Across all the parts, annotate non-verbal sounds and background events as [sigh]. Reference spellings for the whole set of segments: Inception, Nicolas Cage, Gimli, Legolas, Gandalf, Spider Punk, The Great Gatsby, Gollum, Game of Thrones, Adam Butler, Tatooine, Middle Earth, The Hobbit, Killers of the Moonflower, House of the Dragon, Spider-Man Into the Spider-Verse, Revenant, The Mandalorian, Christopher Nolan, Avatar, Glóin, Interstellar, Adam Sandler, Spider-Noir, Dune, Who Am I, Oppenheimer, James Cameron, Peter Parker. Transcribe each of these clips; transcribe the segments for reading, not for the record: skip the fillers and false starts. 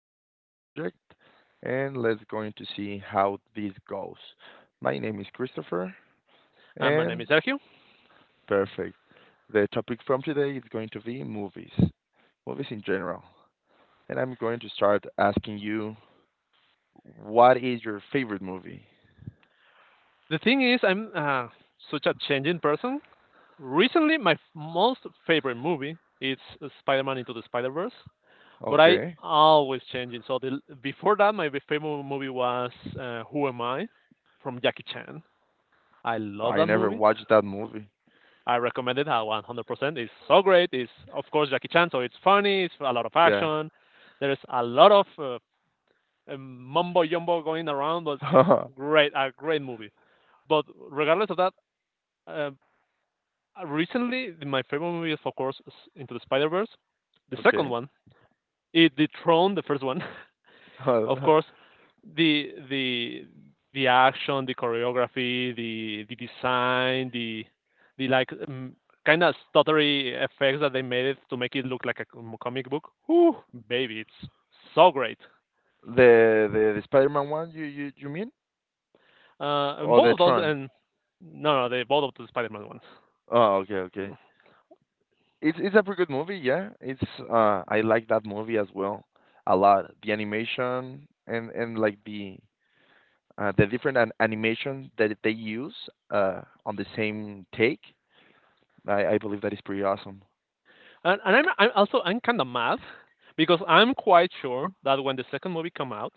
with this new project and let's going to see how this goes. My name is Christopher My name and is Sergio. perfect. The topic from today is going to be movies in general. And I'm going to start asking you what is your favorite movie? The thing is, I'm such a changing person. Recently, most favorite movie is Spider-Man Into the Spider-Verse, but I Okay. always changing. So before that, my favorite movie was Who Am I from Jackie Chan. I love I that never movie. watched that movie. I recommend it 100%. It's so great. It's of course Jackie Chan, so it's funny. It's a lot of Yeah. action. There's a lot of mumbo jumbo going around, but it's [laughs] great. A great movie. But regardless of that, uh, recently, my favorite movie is, of course, is Into the Spider Verse. The second Okay. one, it dethroned the first one. [laughs] [laughs] Of The course, the the the action, the choreography, the design, the kind of stuttery effects that they made it to make it look like a comic book. Whew, baby, it's so great. the Spider-Man one you mean? And Or both the of those, Tron? and no, no, they both of the Spider-Man ones. Oh, okay, okay. It's a pretty good movie, yeah. It's I like that movie as well a lot. The animation and like the different animations that they use on the same take. I believe that is pretty awesome. And I'm kind of mad because I'm quite sure that when the second movie come out,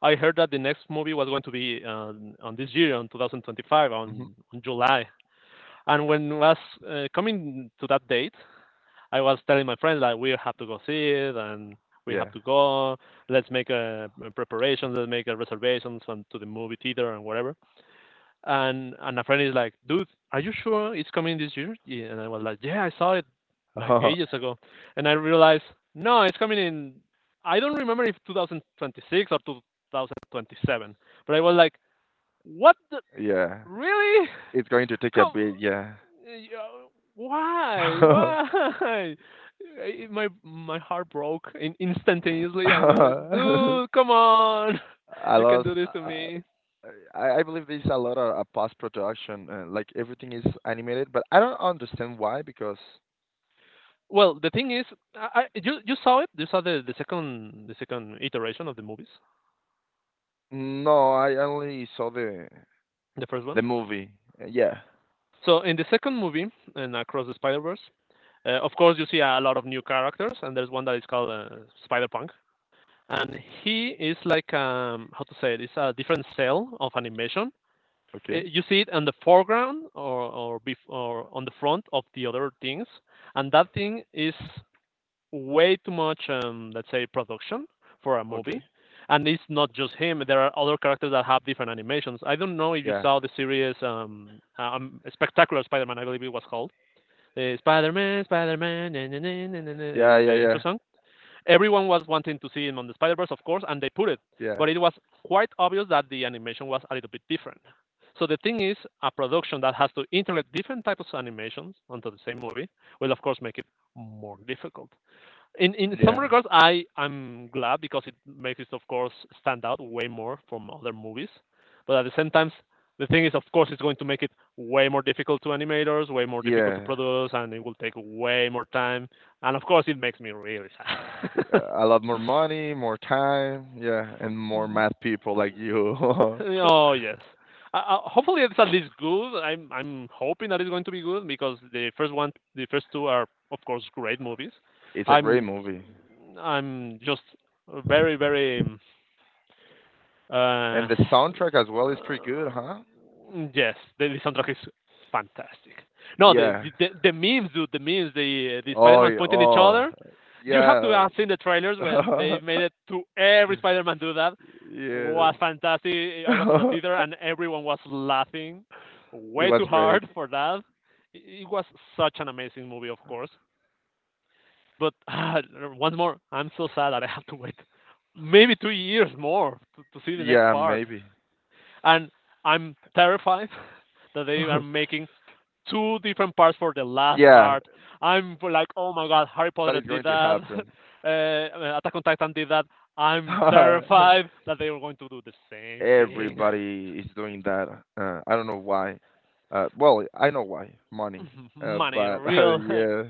I heard that the next movie was going to be on this year, on 2025, Hmm. On July. And when it was coming to that date, I was telling my friends that we have to go see it and we have Yeah. to go. Let's make a preparation. Let's make a reservations to the movie theater and whatever and a friend is like, dude, are you sure it's coming this year? Yeah, and I was like, yeah, I saw it like [laughs] ages ago, and I realized no, it's coming in. I don't remember if 2026 or 2027, but I was like, what? Yeah. Really? It's going to [laughs] take a Come? bit, yeah. Yeah, Why? [laughs] I- my heart broke instantaneously. I was like, I dude, come on, [laughs] you can lost. do this to me. I believe there's a lot of post production, like everything is animated, but I don't understand why because Well, the thing is, I you saw it. You saw the second iteration of the movies, no, I only saw the the first the one. movie. Yeah. So in the second movie, and across the Spider Verse, of course you see a lot of new characters, and there's one that is called Spider Punk, and he is like how to say it? It's a different cell of animation. I Okay. you see it on the foreground or on the front of the other things, and that thing is way too much, let's say, production for a Okay. movie. And it's not just him. There are other characters that have different animations. I don't know if you Yeah. saw the series Spectacular Spider-Man, I believe it was called. Spider-Man, Spider-Man, na, na, na, na, na, na, Yeah, yeah, the intro yeah. song. Everyone was wanting to see him on the Spider-Verse, of course, and they put it. Yeah. But it was quite obvious that the animation was a little bit different. So the thing is, a production that has to integrate different types of animations onto the same movie will, of course, make it more difficult in some Yeah. regards. I'm glad because it makes it, of course, stand out way more from other movies, but at the same time the thing is, of course, it's going to make it way more difficult to animators, way more difficult to Yeah. produce, and it will take way more time, and of course it makes me really sad. [laughs] Yeah, a lot more money, more time, yeah, and more M- mad people like you. [laughs] Oh, yes. Hopefully it's at least good. I'm hoping that it's going to be good because the first one, the first two are of course great movies. It's a great I'm movie. I'm just very very And uh, the soundtrack as well is pretty good, huh? yes, the soundtrack is fantastic. No, Yeah. The memes, dude, the memes, the Oh, Spider-Man's pointing each oh. other. You have to Yeah. have seen the trailers when they [laughs] made it to every Spider-Man do that. Yes. Was fantastic. I was on the theater [laughs] and everyone was laughing It way was too great. hard for that. It was such an amazing movie, of course. But [sighs] once more, I'm so sad that I have to wait maybe 2 years more to see the next Yeah, part, maybe. and I'm terrified [laughs] that they are [laughs] making two different parts for the last Yeah, part. I'm like, oh my god, Harry that Potter is did going to that, happen. [laughs] Attack on Titan did that. I'm terrified [laughs] that they are going to do the same thing. Everybody is doing that. I don't know why. Well, I know why. Money. [laughs] Money, But [laughs] real [laughs] yeah,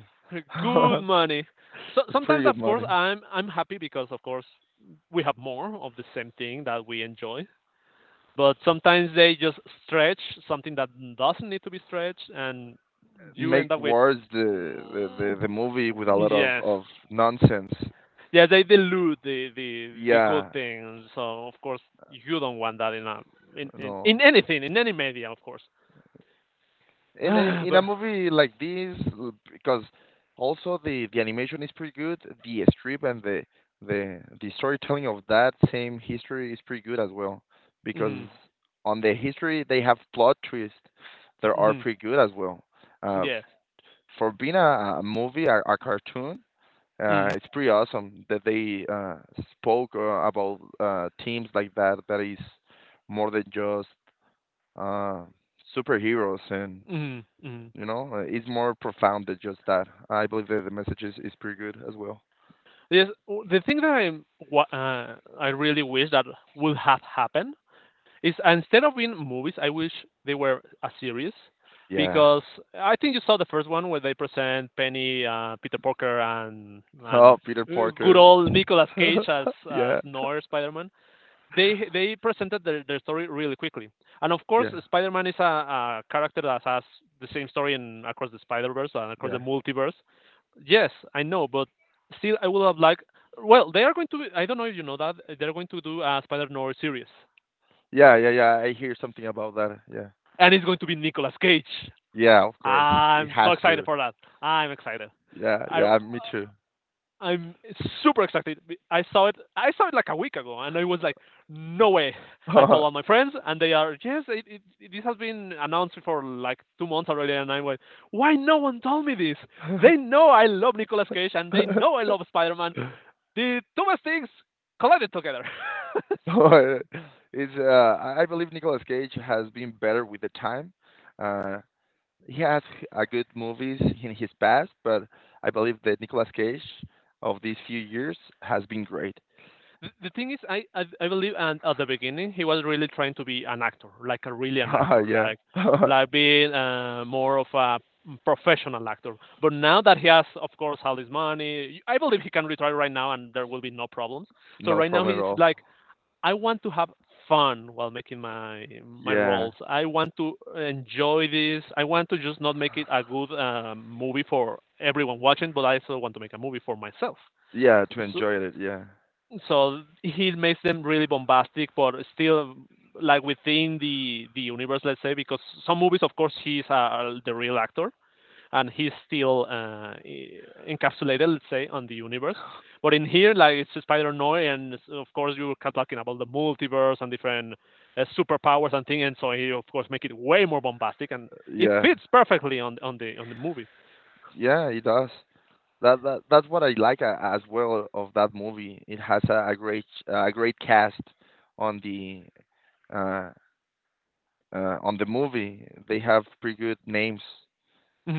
good [laughs] money. So pretty sometimes, of good course, money. I'm happy because, of course, we have more of the same thing that we enjoy. But sometimes they just stretch something that doesn't need to be stretched, and you end Make up with wars, the, the the mm, the movie with a lot of yes, nonsense. yeah, they dilute the good Yeah, thing. So of course you don't want that in no. in anything, in any media, of course. In a [sighs] But movie like this, because also the animation is pretty good, the strip and the storytelling of that same history is pretty good as well, because hmm, on the history they have plot twists that are hmm, pretty good as well, uh f- yes, for being a movie, a cartoon. Mm, It's pretty awesome that they spoke about teams like that, that is more than just uh superheroes and hmm, hmm, it's more profound than just that. I believe that the message is pretty good as well. yes. The thing that I really wish that would have happened is, instead of being movies, I wish they were a series, Yeah. because I think you saw the first one where they present Penny, Peter Parker, and and Oh, Peter uh, good Parker. old Nicolas Cage [laughs] as Yeah. Noir Spider-Man. They presented their story really quickly, and of course Yeah. Spider-Man is a character that has the same story in across the Spider-Verse and across Yeah. the multiverse. Yes, I know, but still I would have liked. Well, they are going to. I don't know if you know that they're going to do a Spider-Noir series, Yeah. Yeah. Yeah. I hear something about that. Yeah. and it's going to be Nicolas Cage. Yeah. Of course. It I'm so has excited to. for that. I'm excited. Yeah. I Yeah. Me too. I'm super excited. I saw it like a week ago, and I was like, "No way!" I told all my [laughs] friends, and they are, "Yes, it- this has been announced for like 2 months already." And I went, "Why no one told me this? They know I love Nicolas Cage, and they know I love Spider-Man. The two best things collided together." [laughs] [laughs] it's I believe Nicolas Cage has been better with the time. Uh, he has a good movies in his past, but I believe that Nicolas Cage of these few years has been great. The thing is, I believe, and at the beginning, he was really trying to be an actor, like a really an [laughs] actor, Yeah. [laughs] Like being more of a professional actor. But now that he has, of course, all his money, I believe he can retire right now, and there will be no problems. So No right now problem at he's all. like, I want to have fun while making my Yeah. roles. I want to enjoy this. I want to just not make it a good movie for everyone watching, but I also want to make a movie for myself. Yeah, to So enjoy it. Yeah. so he makes them really bombastic, but still like within the universe, let's say, because some movies, of course, he's the real actor, and he's still encapsulated, let's say, on the universe. But in here, like it's Spider Noir, and it's- of course, you're talking about the multiverse and different superpowers and things, and so he, of course, make it way more bombastic, and it Yeah. fits perfectly on on the movie. Yeah, it does. That's what I like as well of that movie. It has a great cast on the uh, on the movie. They have pretty good names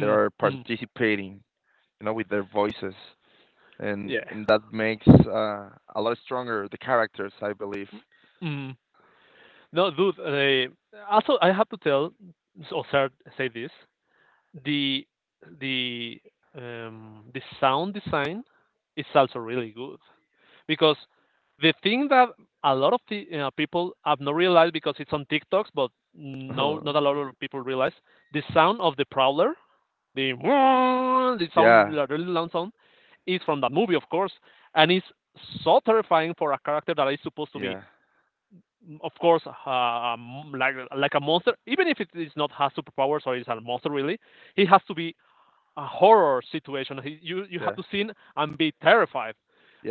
that are hmm. participating, with their voices, and that makes a lot stronger the characters, I believe. Yeah. No, dude. Also, I have to tell or start, say this: the the the sound design is also really good, because the thing that a lot of people have not realized because it's on TikToks, but no, not a lot [laughs] of people realize the sound of the prowler, the [laughs] the sound, Yeah, the really loud sound, is from that movie, of course, and it's so terrifying for a character that is supposed to be yeah, of course, like a monster, even if it is not has superpowers or is a monster really, he has to be a horror situation. You have yeah, to sing and be terrified,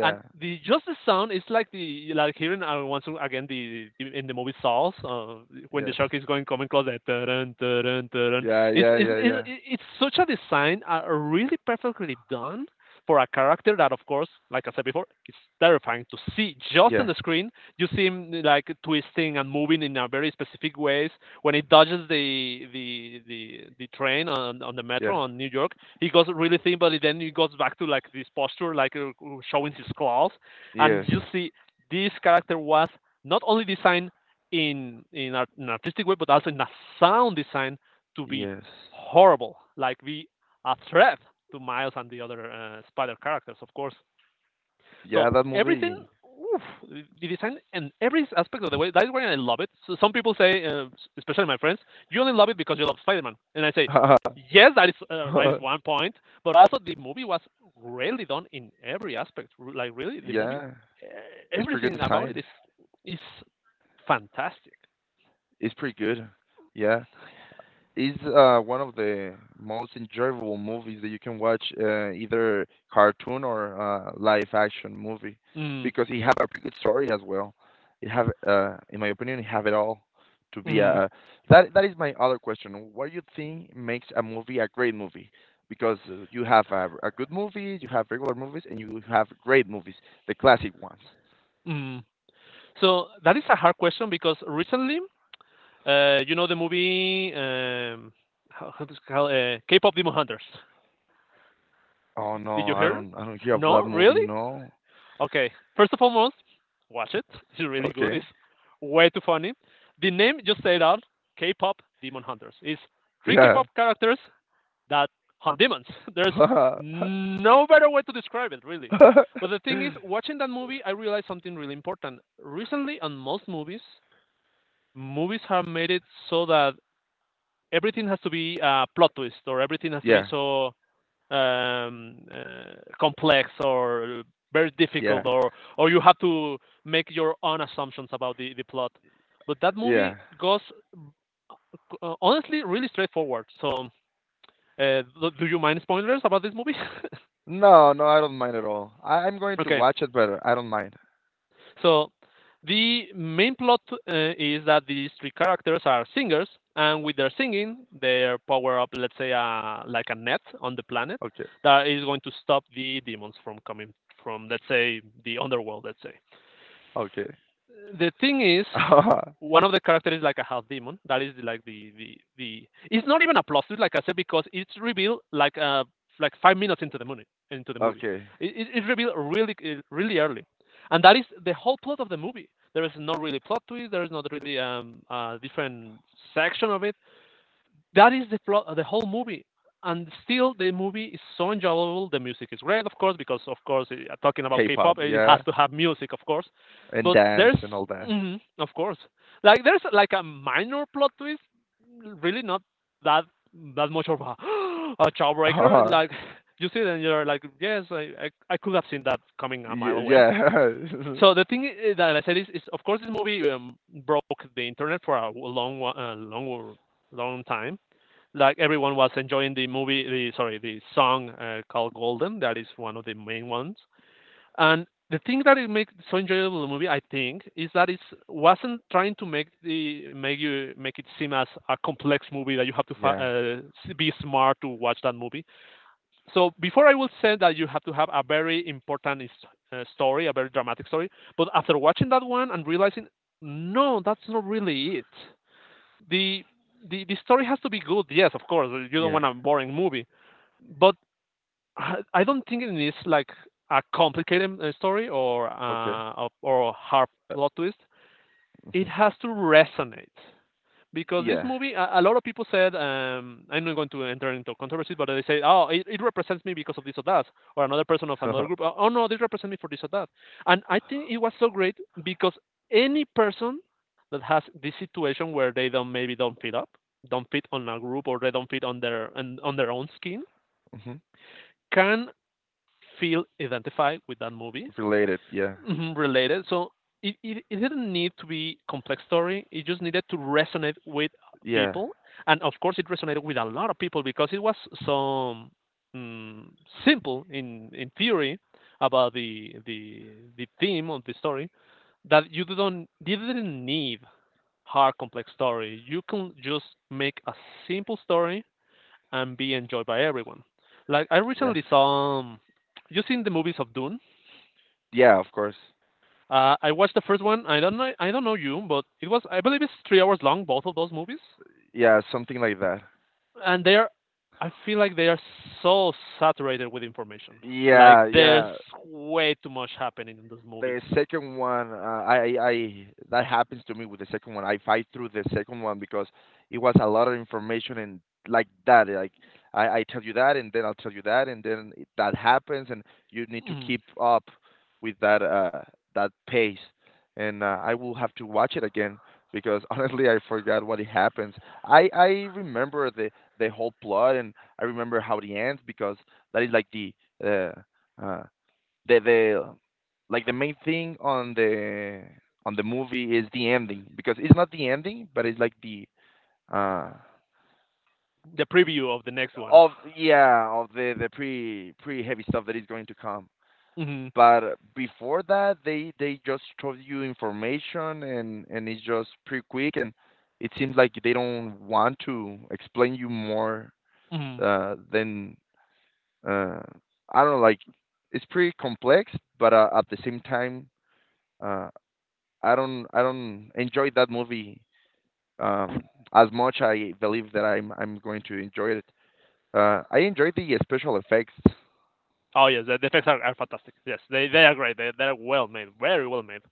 and the just the sound is like the like hearing once again in the movie Saws when the Yes. shark is going coming close. That dun, dun, dun, Yeah, It's, yeah, it's yeah, it's yeah. it's such a design, really perfectly done for a character that, of course, like I said before, it's terrifying to see just on Yeah, the screen. You see him like twisting and moving in a very specific ways, when he dodges the train on the yeah. metro on New York. He goes really thin, but then he goes back to like this posture, like showing his claws, and Yes. you see this character was not only designed in art, in an artistic way, but also in a sound design to be Yes. horrible, like be a threat to Miles and the other Spider characters, of course. Yeah, So that everything, movie. oof, the design and every aspect of the way. That's why I love it. So some people say, especially my friends, you only love it because you love Spider-Man, and I say, [laughs] yes, that is one point. But also, the movie was really done in every aspect. Like really, the movie, Yeah. e- It's pretty everything good about it design. is fantastic. It's pretty good. Yeah. Is one of the most enjoyable movies that you can watch, either cartoon or live action movie, Mm, because it have a pretty good story as well. It have, in my opinion, it have it all to be mm, a. That is my other question. What do you think makes a movie a great movie? Because you have a good movie, you have regular movies, and you have great movies, the classic ones. mm. So that is a hard question because recently, you know the movie. How does it call, K-pop Demon Hunters. Oh Did no, you hear it? I don't hear of No, that movie. really? No. Okay. First of all, most watch it. [laughs] It's really good. Okay. It's way too funny. The name just say out: K-pop Demon Hunters. It's three Yeah. K-pop characters that hunt demons. [laughs] There's no better way to describe it, really. [laughs] But the thing is, watching that movie, I realized something really important. Recently, on most movies, movies have made it so that everything has to be a plot twist or everything has to be Yeah, so um, uh, complex or very difficult yeah, or you have to make your own assumptions about the plot, but that movie yeah. goes honestly really straightforward. So do you mind spoilers about this movie? No, no, I don't mind at all. I'm going to [laughs] Okay. watch it, but I don't mind. So the main plot is that these three characters are singers, and with their singing, they are power up, let's say, like a net on the planet Okay, that is going to stop the demons from coming from, let's say, the underworld, let's say. okay. The thing is, [laughs] one of the characters is like a half demon. That is like the. It's not even a plot twist, like I said, because it's revealed like 5 minutes into the movie. Into the movie, Okay. it revealed really really early, and that is the whole plot of the movie. There is not really plot twist. There is not really different section of it that is the plot of the whole movie, and still the movie is so enjoyable. The music is great, of course, because of course, talking about k-pop, K-pop, it yeah, has to have music, of course, and but dance there's, and all that. mhm, of course, like there's like a minor plot twist, really not that that much of a [gasps] a [laughs] jawbreaker, and uh like [laughs] you see it and you're like yes, I could have seen that coming a mile away. yeah. [laughs] So the thing that I said is, of course, this movie broke the internet for a long time, like everyone was enjoying the movie the, sorry, the song called golden, that is one of the main ones. And the thing that it makes so enjoyable the movie, I think, is that it wasn't trying to make you make it seem as a complex movie that you have to, Yeah, be smart to watch that movie. So before, I will say that you have to have a very important story, a very dramatic story, but after watching that one and realizing no, that's not really it, the the story has to be good. Yes, of course. You don't yeah. want a boring movie, but I don't think it needs like a complicated story, or Okay. or hard Uh, plot twist. It mhm. has to resonate because this Yeah. movie, a lot of people said, I'm not going to enter into controversy, but they say, oh, it represents me because of this or that, or another person of another group, [laughs] oh, no, this represents me for this or that, and I think it was so great because any person that has this situation where they don't maybe don't fit up, don't fit on a group, or they don't fit on their on their own skin, Mhm. can feel identified with that movie. Related, yeah. Mhm, related. So it didn't need to be complex story. It just needed to resonate with Yeah, people, and of course, it resonated with a lot of people because it was so, mm, simple in theory about the theme of the story that you didn't need hard complex story. You can just make a simple story and be enjoyed by everyone. Like I yeah. recently saw, you seen the movies of Dune? Yeah, of course. I watched the first one. I don't know. I don't know you, but it was, I believe, it's 3 hours long. Both of those movies, Yeah, something like that. and they are, I feel like they are so saturated with information. Like Yeah, there's yeah. way too much happening in those movies. The second one, I that happens to me with the second one. I fight through the second one because it was a lot of information and like that. Like I tell you that, and then I'll tell you that, and then that happens, and you need to Mm. keep up with that pace. And I will have to watch it again because [laughs] honestly, I forgot what it happens. I remember the whole plot, and I remember how it ends because that is like uh, uh, the like the main thing on the movie is the ending, because it's not the ending, but it's like the uh The preview of the next one. of, yeah, of the pre heavy stuff that is going to come. Mm. But before that, they just throw you information and it's just pretty quick, and it seems like they don't want to explain you more Mm. Than uh I don't know, like it's pretty complex, but at the same time uh I don't enjoy that movie as much. I believe that I'm going to enjoy it. I enjoy the special effects. [laughs] Oh yes, the effects are fantastic. Yes, they are great. They they're well made, very well made.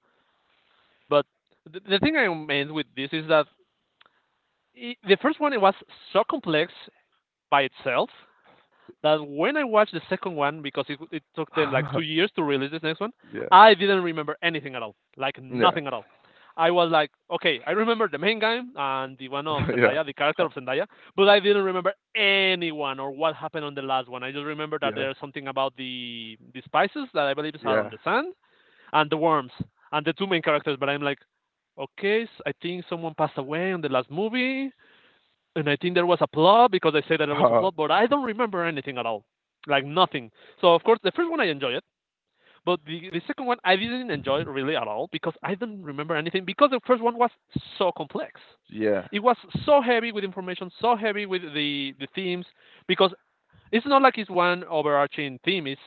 But the thing I meant with this is that I the first one it was so complex by itself that when I watched the second one, because it took them like 2 years to release this next one, Yeah, I didn't remember anything at all, like yeah, nothing at all. I was like, okay, I remember the main game and the one of [laughs] yeah, Zendaya, the character Uh, of Zendaya, but I didn't remember anyone or what happened on the last one. I just remember that yeah, there's something about the spices that I believe are on yeah, the sand and the worms and the two main characters. But I'm like, okay, I think someone passed away on the last movie, and I think there was a plot because I say that [laughs] there was a uh, plot, but I don't remember anything at all, like nothing. So of course, the first one I enjoyed it, but the second one I didn't enjoy it really at all because I don't remember anything because the first one was so complex. yeah, It was so heavy with information, so heavy with the themes because it's not like it's one overarching theme. It's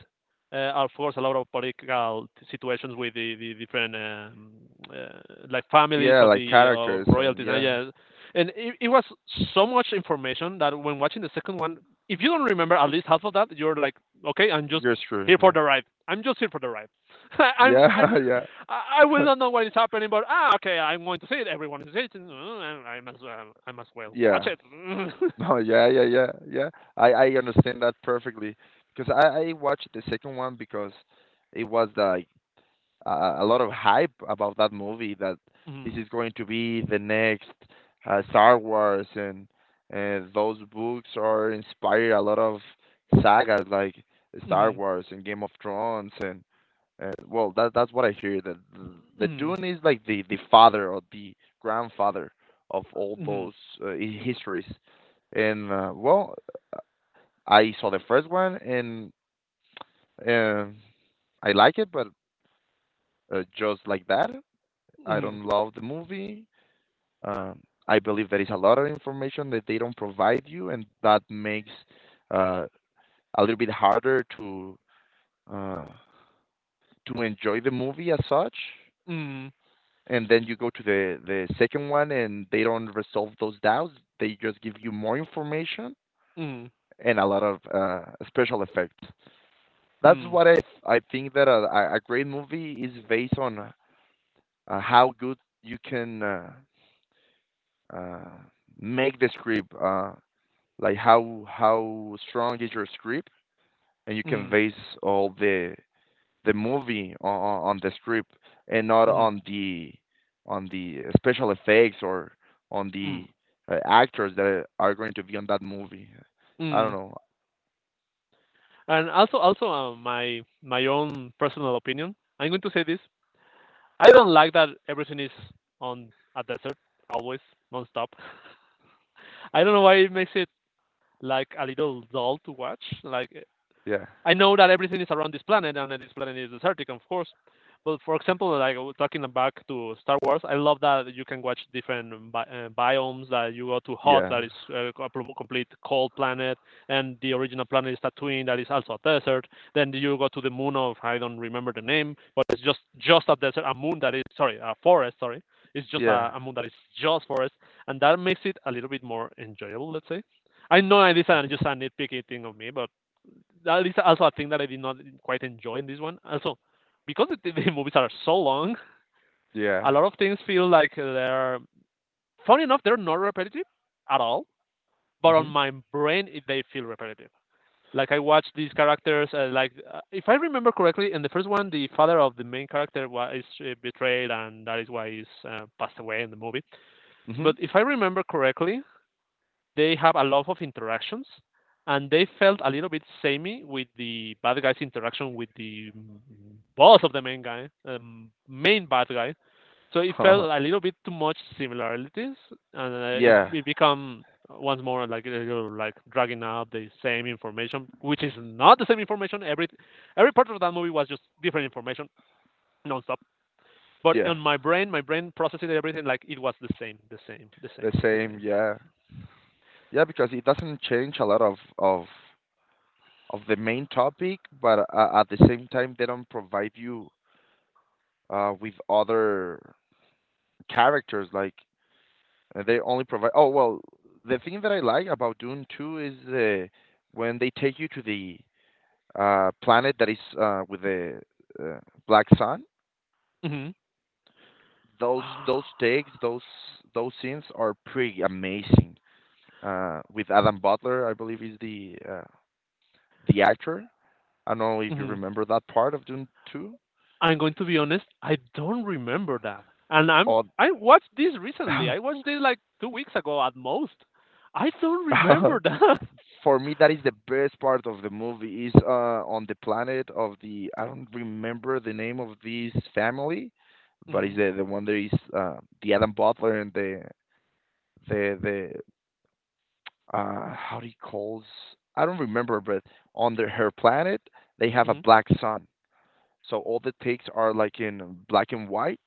of course a lot of political situations with the different like families yeah. of Like the of characters, and royalties and yeah, yeah, and it was so much information that when watching the second one, if you don't remember at least half of that, you're like, okay, I'm just you're screwed. here for Yeah, the ride. I'm just here for the ride. [laughs] I'm yeah, [laughs] yeah, I will not know what is happening, but ah, okay, I'm going to see it. Everyone is it. I must well [laughs] watch yeah. it. [laughs] Mm-hmm. No, yeah, yeah, yeah, yeah. I understand that perfectly because I watched the second one, because it was the a lot of hype about that movie that this is going to be the next Star Wars, and those books are inspired a lot of sagas like Star Mm-hmm. Wars and Game of Thrones. And well, that's what I hear, that the Mm-hmm. Dune is like the father or the grandfather of all Mhm. those histories. And well, I saw the first one and um I like it, but just like that, I Mhm. don't love the movie. Um, I believe there is a lot of information that they don't provide you, and that makes uh, a little bit harder uh, to enjoy the movie as such. Mhm. And then you go to the second one, and they don't resolve those doubts. They just give you more information Mhm. and a lot of special effects. That's Mhm. what I think that a great movie is based on how good you can uh, make the script. Like how strong is your script, and you can Mhm. base all the movie on the script and not Mhm. on the special effects or on Mhm. the actors that are going to be on that movie. I don't Mhm. know. And also, also, my my own personal opinion, I'm going to say this. I don't like that everything is on a desert always, nonstop. [laughs] I don't know why it makes it like a little dull to watch. Like Yeah, I know that everything is around this planet, and that this planet is desertic, of course. But for example, like talking back to Star Wars, I love that you can watch different biomes. That you go to hot, that yeah, is complete cold planet, and the original planet is Tatooine, that is also a desert. Then you go to the moon of I don't remember the name, but it's just a desert, a moon that is, sorry, a forest. Sorry, it's just yeah. A moon that is just forest, and that makes it a little bit more enjoyable, let's say. I know this is Mm-hmm. just a nitpicky thing of me, but that is also a thing that I did not quite enjoy in this one. Also, because the movies are so long, Yeah. a lot of things feel like they're, funny enough, they're not repetitive at all, but on Mhm. my brain, they feel repetitive. Like I watch these characters, if I remember correctly, in the first one, the father of the main character is, betrayed, and that is why he's, passed away in the movie. Mhm. But if I remember correctly, they have a lot of interactions and they felt a little bit samey with the bad guy's interaction with the, mm, boss of the main guy, main bad guy. So it felt a little bit too much similarities, and [laughs] Yeah, it become once more like a little, like dragging out the same information, which is not the same information. Every part of that movie was just different information nonstop. But yeah, in my brain processed everything like it was the same, the same, the the same, the same, yeah, yeah, because it doesn't change a lot of of the main topic, but at the same time, they don't provide you with other characters. Like they only provide. Oh well, the thing that I like about Dune 2 is when they take you to the planet that is with the uh, black sun. same. Those takes, those scenes are pretty amazing. With Adam Butler, I believe is the actor. I don't know if hmm you hmm remember that part of Dune 2. I'm going to be honest, I don't remember that. And Or I watched this recently. I [laughs] watched it like 2 weeks ago at most. I don't remember [laughs] that. for me, that is the best part of the movie, is on the planet of the, I don't remember the name of this family, [laughs] but hmm is the one that is the Adam Butler and the how do you calls I don't remember, but on the her planet they have a hmm black sun, so all the takes are like in black and white.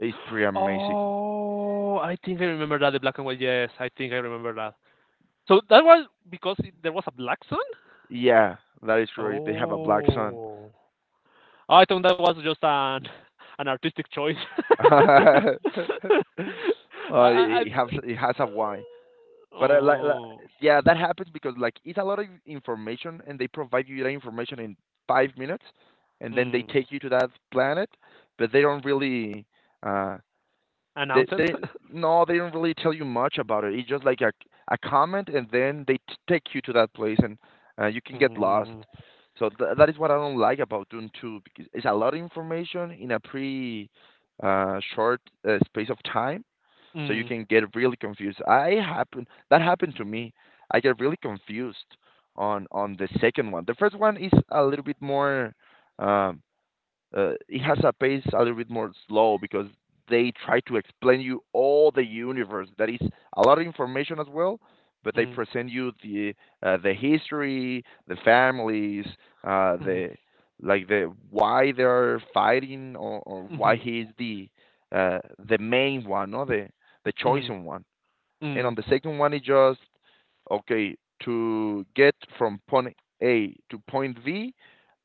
It's pretty amazing. Oh, I think I remember that the black and white. Yes, I think I remember that. So that was because there was a black sun. Yeah, that is correct. They have a black sun. Oh, Oh, I thought that was just an artistic choice. [laughs] I, [laughs] I, I- It has a why, but oh, yeah, that happens because like it's a lot of information, and they provide you that information in 5 minutes, and then they mm. take you to that planet, but they don't really, uh, Announce it. they [laughs] no, they don't really tell you much about it. It's just like a comment, and then they take you to that place, and you can get lost. Mm, So that is what I don't like about Dune 2, because it's a lot of information in a pretty short space of time, so you mm, can get really confused. I happen That happened to me. I get really confused on the second one. The first one is a little bit more. Um, it has a pace a little bit more slow, because they try to explain you all the universe. That is a lot of information as well, but they mm, present you the history, the families, mhm, the like the why they are fighting, or why mhm, he is the uh, the main one, or the mhm, chosen one. And on mm, the second one, it's just okay to get from point A to point B.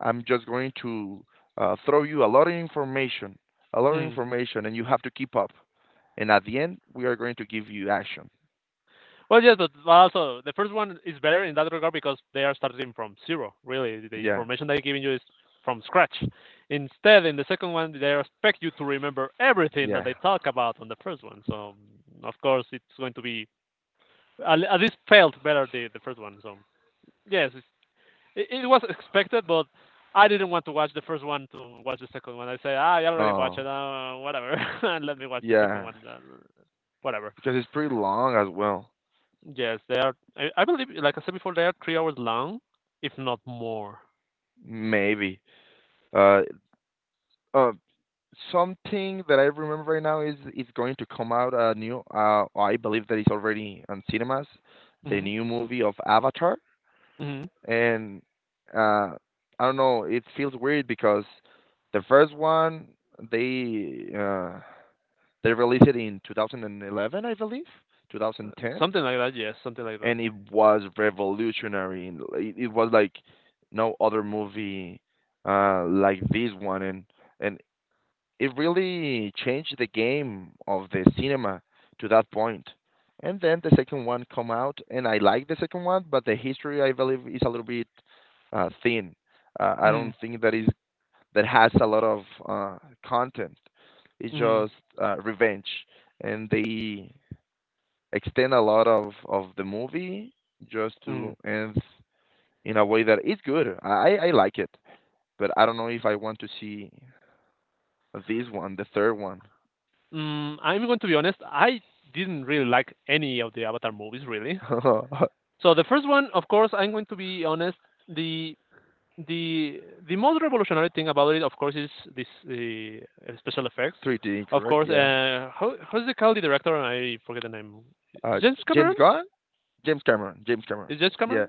I'm just going to throw you a lot of information, a lot of mm. information, and you have to keep up. And at the end, we are going to give you action. Well, yes, but also the first one is better in that regard because they are starting from zero. Really, the Yeah, information they're giving you is from scratch. Instead, in the second one, they expect you to remember everything that yeah, they talk about on the first one. So, of course, it's going to be at least felt better the first one. So, yes, it was expected, but I didn't want to watch the first one to watch the second one. I say, ah, I already watched it, no, whatever. [laughs] And let me watch the second yeah, one, whatever. because it's pretty long as well. Yes, they are. I believe, like I said before, they are 3 hours long, if not more. Maybe. Uh, uh, Something that I remember right now is it's going to come out a new. I believe that it's already on cinemas, the hmm new movie of Avatar, hmm and uh, I don't know. It feels weird because the first one they uh, they released it in 2011, I believe, 2010, Something like that. Yes, something like that. and it was revolutionary. It was like no other movie like this one, and it really changed the game of the cinema to that point. And then the second one come out, and I like the second one, but the history I believe is a little bit thin. I mm don't think that is that has a lot of uh, content. It's mm just revenge, and they extend a lot of the movie just to mm end in a way that is good. I like it, but I don't know if I want to see this one, the third one. I'm going to be honest. I didn't really like any of the Avatar movies, really. [laughs] So the first one, of course, I'm going to be honest. The the the most revolutionary thing about it, of course, is this the special effects. Three d, Of correct. course, Yeah. How's the call the director? I forget the name. Uh, James James Cameron? Gunn, James Cameron, James Cameron. Is James Yeah, Cameron?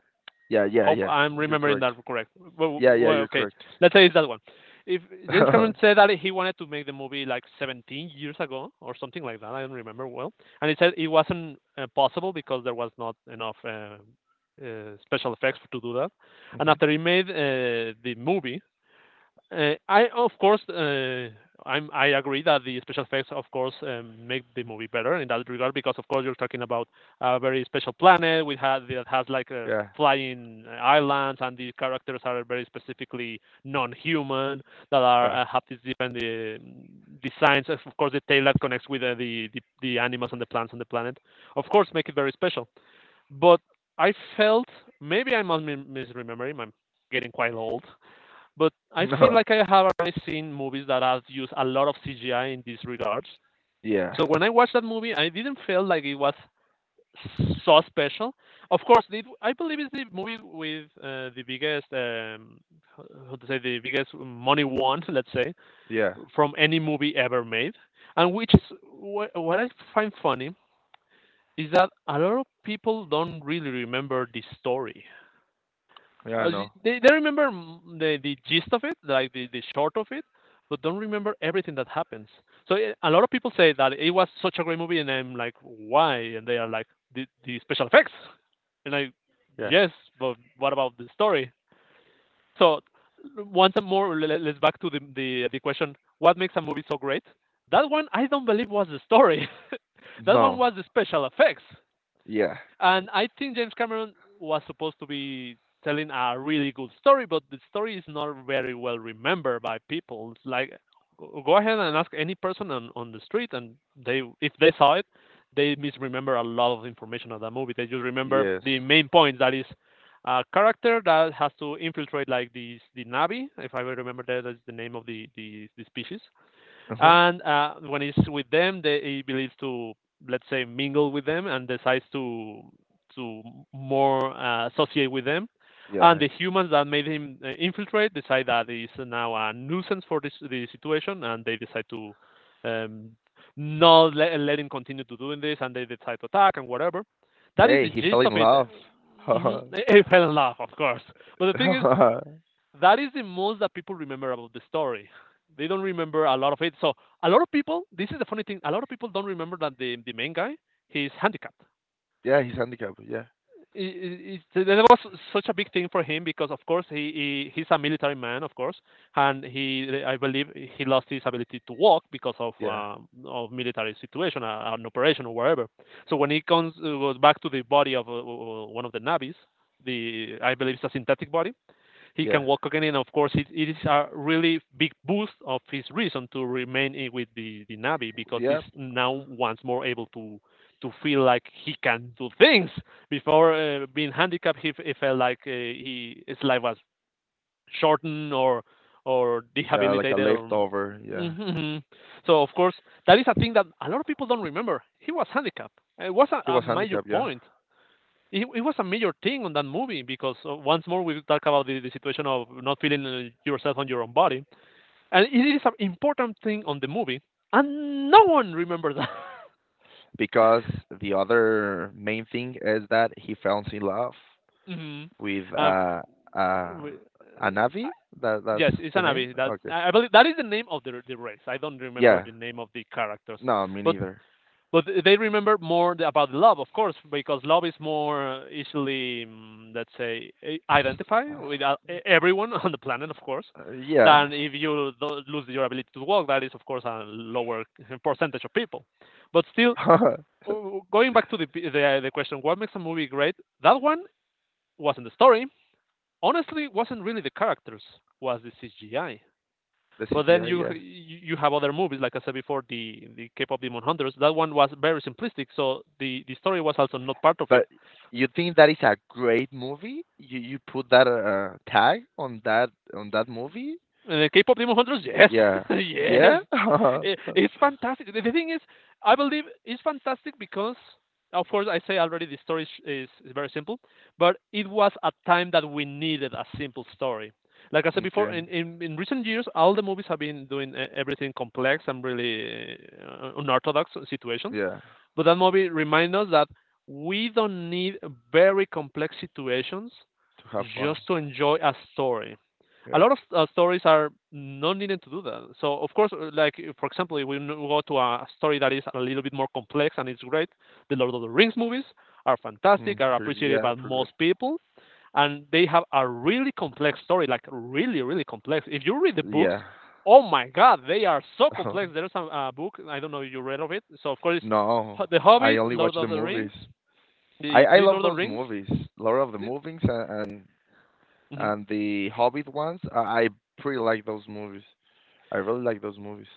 yeah, yeah, Hope yeah. I'm You're remembering correct. that correct. Well, Yeah, yeah, well, you're okay, correct. let's say it's that one. If [laughs] James Hmm. Cameron said that he wanted to make the movie like 17 years ago or something like that, I don't remember well, and he said it wasn't possible because there was not enough special effects to do that. And after he made the movie, I of course I agree that the special effects of course make the movie better in that regard because of course you're talking about a very special planet we had that has like a Yeah. flying islands, and the characters are very specifically non-human that are Uh, have these different designs. Of course the tail that connects with the animals and the plants on the planet of course make it very special, but I felt maybe I'm misremembering. I'm getting quite old, but I [laughs] feel no. like I have already seen movies that have used a lot of CGI in these regards. Yeah. So when I watched that movie, I didn't feel like it was so special. Of course, it, I believe it's the movie with the biggest, how to say, the biggest money won, [laughs] let's say, Yeah. from any movie ever made. And which is what I find funny is that a lot of people don't really remember the story. Yeah. I Uh, y- know. they, they remember the gist of it, like the short of it, but don't remember everything that happens. So a lot of people say that it was such a great movie, and I'm like, why? And they are like, the special effects. And Yeah. yes, but what about the story? So once and more, let's back to the question, what makes a movie so great? That one I don't believe was the story. [laughs] That one No. was the special effects. Yeah. And I think James Cameron was supposed to be telling a really good story, but the story is not very well remembered by people. It's like go ahead and ask any person on the street, and they if they saw it, they misremember a lot of information of that movie. They just remember Yes. the main point that is a character that has to infiltrate like the Navi, if I remember that is the name of the species. Uh-huh. And when he's with them, they, he believes to let's say mingle with them, and decides to more associate with them. And Yeah. the humans that made him infiltrate decide that he's now a nuisance for this the situation, and they decide to um, not let him continue to doing this, and they decide to attack and whatever. That is Hey, the he fell gist of in it. love. [laughs] Mhm. He fell in love, of course. But the thing is, that is the most that people remember about the story. They don't remember a lot of it. So a lot of people, this is the funny thing, a lot of people don't remember that the main guy, he's handicapped. Yeah, he's handicapped. Yeah. That was such a big thing for him because, of course, he he's a military man, of course, and he I believe he lost his ability to walk because Yeah. Of military situation, an operation or wherever. So when he comes goes back to the body of one of the navvies, the I believe it's a synthetic body, he can Yeah. walk again. And of course, it is a really big boost of his reason to remain in with the Navi because he's Yep. now once more able to feel like he can do things. Before being handicapped, he felt like he his life was shortened or Yeah, like a rehabilitated or. leftover. Yeah. Mhm. So of course that is a thing that a lot of people don't remember. He was handicapped. It was He a was major handicapped. Yeah. point, it was a major thing on that movie because once more we talk about the situation of not feeling yourself on your own body, and it is an important thing on the movie, and no one remembers that. [laughs] Because the other main thing is that he falls in love hmm with uh, uh we, a Navi? uh, That's yes, it's the an. name? That Okay. I believe that is the name of the race. I don't remember Yeah. the name of the characters, No, me but neither. They remember more about love, of course, because love is more easily, mm, let's say, S- identify with everyone [laughs] on the planet, of course, yeah. than if you lose your ability to walk. That is, of course, a lower [laughs] percentage of people. But still, [laughs] The going back to the question, what makes a movie great? That one wasn't the story. Honestly, wasn't really the characters. Was the CGI. But then CGI, you yeah. you have other movies, like I said before, the K-pop Demon Hunters. That one was very simplistic, so the story was also not part of it. But you think that is a great movie? You put that tag on that movie? And the K-pop Demon Hunters, yes, [laughs] Yeah. yes, Yeah? [laughs] Okay. it's fantastic. The thing is, I believe it's fantastic because, of course, I say already the story is very simple, but it was a time that we needed a simple story. Like I said before, in recent years, all the movies have been doing everything complex and really unorthodox situations. Yeah. To But that movie reminds us that we don't need very complex situations have fun. just to enjoy a story. A Yeah. lot of stories are not needed to do that. So of course, like for example, if we go to a story that is a little bit more complex and it's great, the Lord of the Rings movies are Mm, fantastic, are pretty, appreciated yeah, by pretty good. most people, and they have a really complex story, like really, really complex. If you read the books, Yeah. oh my God, they are so complex. [laughs] There's a book I don't know if you read of it. So of course, No, The I Hobbit, only watch Lord the of the movies. Rings, I the I three love Lord of the those Rings. movies, Lord of the Movies and and the Hobbit ones. I pretty like those movies. I really like those movies.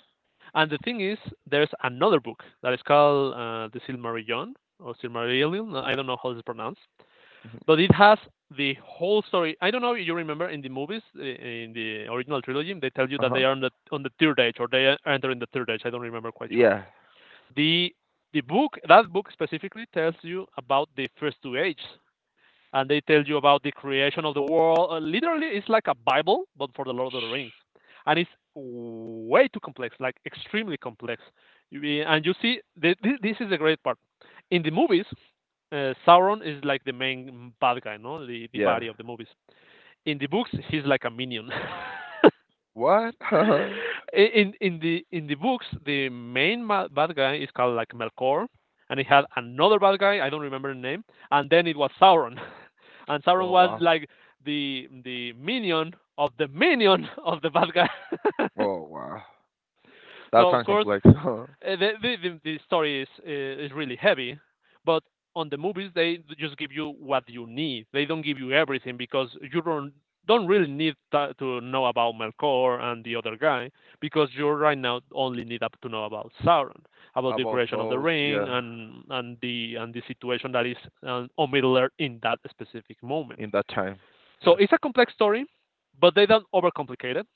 And the thing is, there's another book that is called The Silmarillion or Silmarillion. I don't know how it's pronounced, [laughs] Mhm. but it has the whole story. I don't know if you remember in the movies, in the original trilogy, they tell you Uh that they huh. are on the third age or they are entering the third age. I don't remember quite sure. Yeah. The the book that book specifically tells you about the first two ages, and they tell you about the creation of the world. Literally, it's like a Bible, but for the Lord of the Rings, and it's way too complex, like extremely complex. And you see, this is the great part. In the movies, Sauron is like the main bad guy, no, the Yeah. body of the movies. In the books, he's like a minion. [laughs] What? [laughs] Oh In the books, the bad guy is called like Melkor, and he had another bad guy. I don't remember the name, and then it was Sauron. [laughs] And Sauron was wow. like the minion of the minion [laughs] of the bad guy. [laughs] Oh wow. That So of sounds course complex. [laughs] the story is really heavy, but on the movies they just give you what you need. They don't give you everything because you don't really need that to know about Melkor and the other guy, because you right now only need up to know about Sauron, about the About creation of the those, ring yeah. and and the situation that is on Middle Earth in that specific moment. In that time, So yeah. it's a complex story, but they don't overcomplicate it.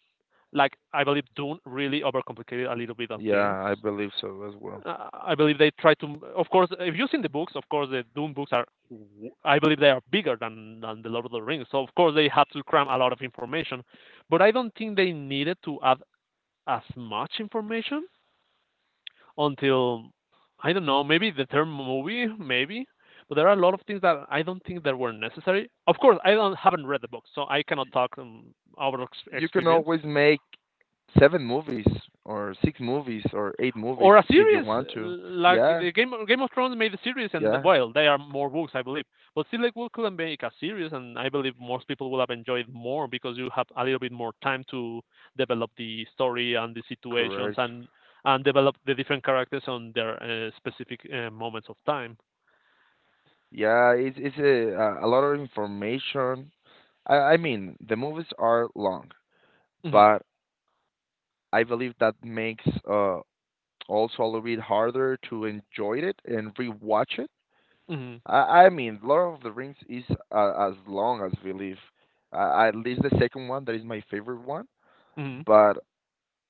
Like I believe Dune really overcomplicated a little bit of things. Yeah, I believe so as well. I believe they try to, of course, if you've seen the books, of course, the Dune books are, I believe they are bigger than the Lord of the Rings. So, of course, they had to cram a lot of information. But I don't think they needed to add as much information until I don't know, maybe the third movie, maybe. But there are a lot of things that I don't think that were necessary. Of course, I don't haven't read the book, so I cannot talk out of You can experience. always make seven movies or six movies or eight movies Or a if you series want to. like Yeah, the Game of Thrones made a series, and yeah, well, there are more books, I believe. But still, like, we could make a series, and I believe most people will have enjoyed more because you have a little bit more time to develop the story and the situations, correct. and develop the different characters on their specific moments of time. Yeah, it's a lot of information. I mean, the movies are long, Mhm. but I believe that makes uh also a little bit harder to enjoy it and rewatch it. Mhm, I mean, Lord of the Rings is as long as we live. At least the second one, that is my favorite one. mhm, But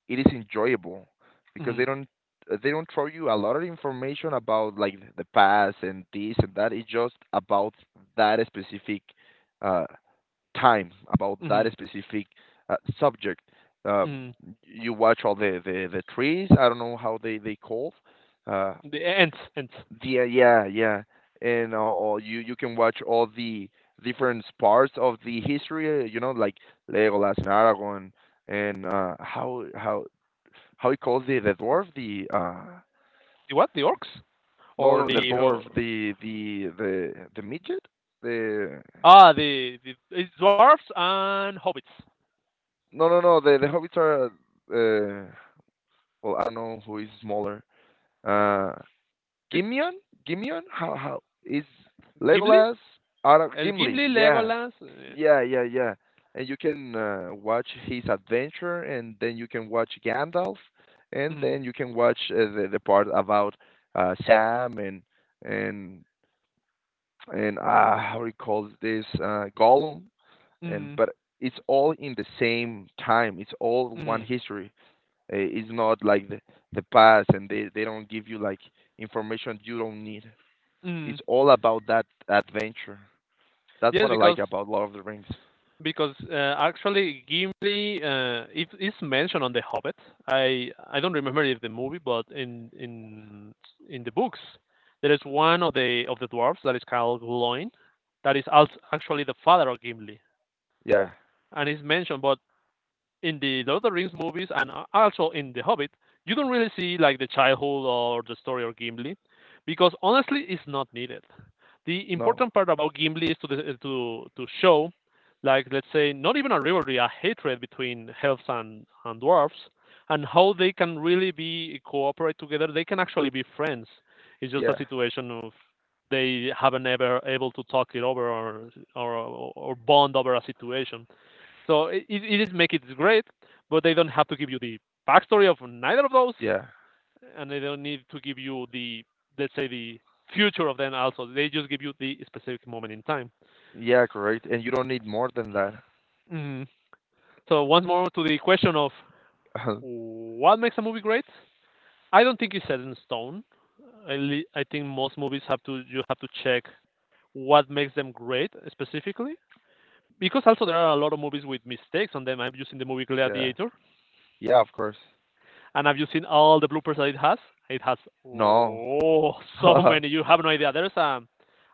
it is enjoyable because mhm, they don't throw you a lot of information about like the past and this and that. It's just about that specific uh, time, about that mhm, specific subject. Um, mhm. you watch all the trees. I don't know how they called. Uh, The ants. yeah, yeah, yeah. And or you can watch all the different parts of the history. Uh, you know, like Legolas and Aragorn and how you call the dwarf the The what? The orcs. no Or no the the dwarf the midget the ah the It's dwarfs and hobbits. no no no the the hobbits are uh well I don't know who is smaller uh It's Gimion Gimion how is Gimli, Legolas Ara Gimli Gimli, yeah Legolas. Yeah yeah yeah. And you can watch his adventure and then you can watch Gandalf and Mhm, then you can watch the part about Sam and and how do you call this Gollum, and mhm, but it's all in the same time. It's all one mhm, history. It's not like the past, and they don't give you like information you don't need. mhm. It's all about that adventure. That's what Yes, I like because about Lord of the Rings. Actually Gimli, it is mentioned on The Hobbit. I don't remember if the movie, but in the books, there is one of the dwarfs that is called Glóin, that is also actually the father of Gimli, Yeah. and it's mentioned. But in the Lord of the Rings movies and also in The Hobbit, you don't really see like the childhood or the story of Gimli, because honestly, it's not needed. The No. important part about Gimli is to the, to show, like let's say, not even a rivalry, a hatred between elves and dwarves, and how they can really be cooperate together. They can actually be friends. It's just a Yeah. situation of they haven't ever able to talk it over or bond over a situation, so it is make it great, but they don't have to give you the backstory of neither of those, Yeah. and they don't need to give you the let's say the future of them also. They just give you the specific moment in time. Yeah. Correct. And you don't need more than that. Mm. So once more to the question of [laughs] what makes a movie great. I don't think it's set in stone. I think most movies have to you have to check what makes them great specifically, because also there are a lot of movies with mistakes on them. I'm using the movie Yeah. Gladiator. Yeah. Of course. And have you seen all the bloopers that it has? It has, No. oh, so [laughs] many. You have no idea. There's a,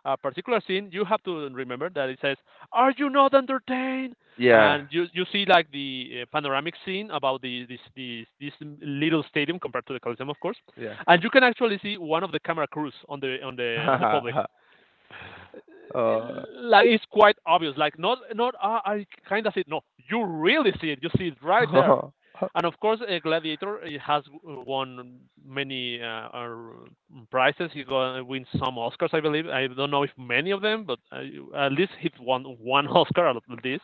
a particular scene you have to remember that it says, "Are you not entertained?" Yeah. And you see like the panoramic scene about the this this this little stadium compared to the Coliseum, of course. Yeah. And you can actually see one of the camera crews on the public, [laughs] Uh, like it's quite obvious. Like not I kind of see it. No, you really see it. You see it right there. [laughs] And of course, Gladiator has won many prizes. He wins some Oscars, I believe. I don't know if many of them, but at least he won one [laughs] Oscar at least,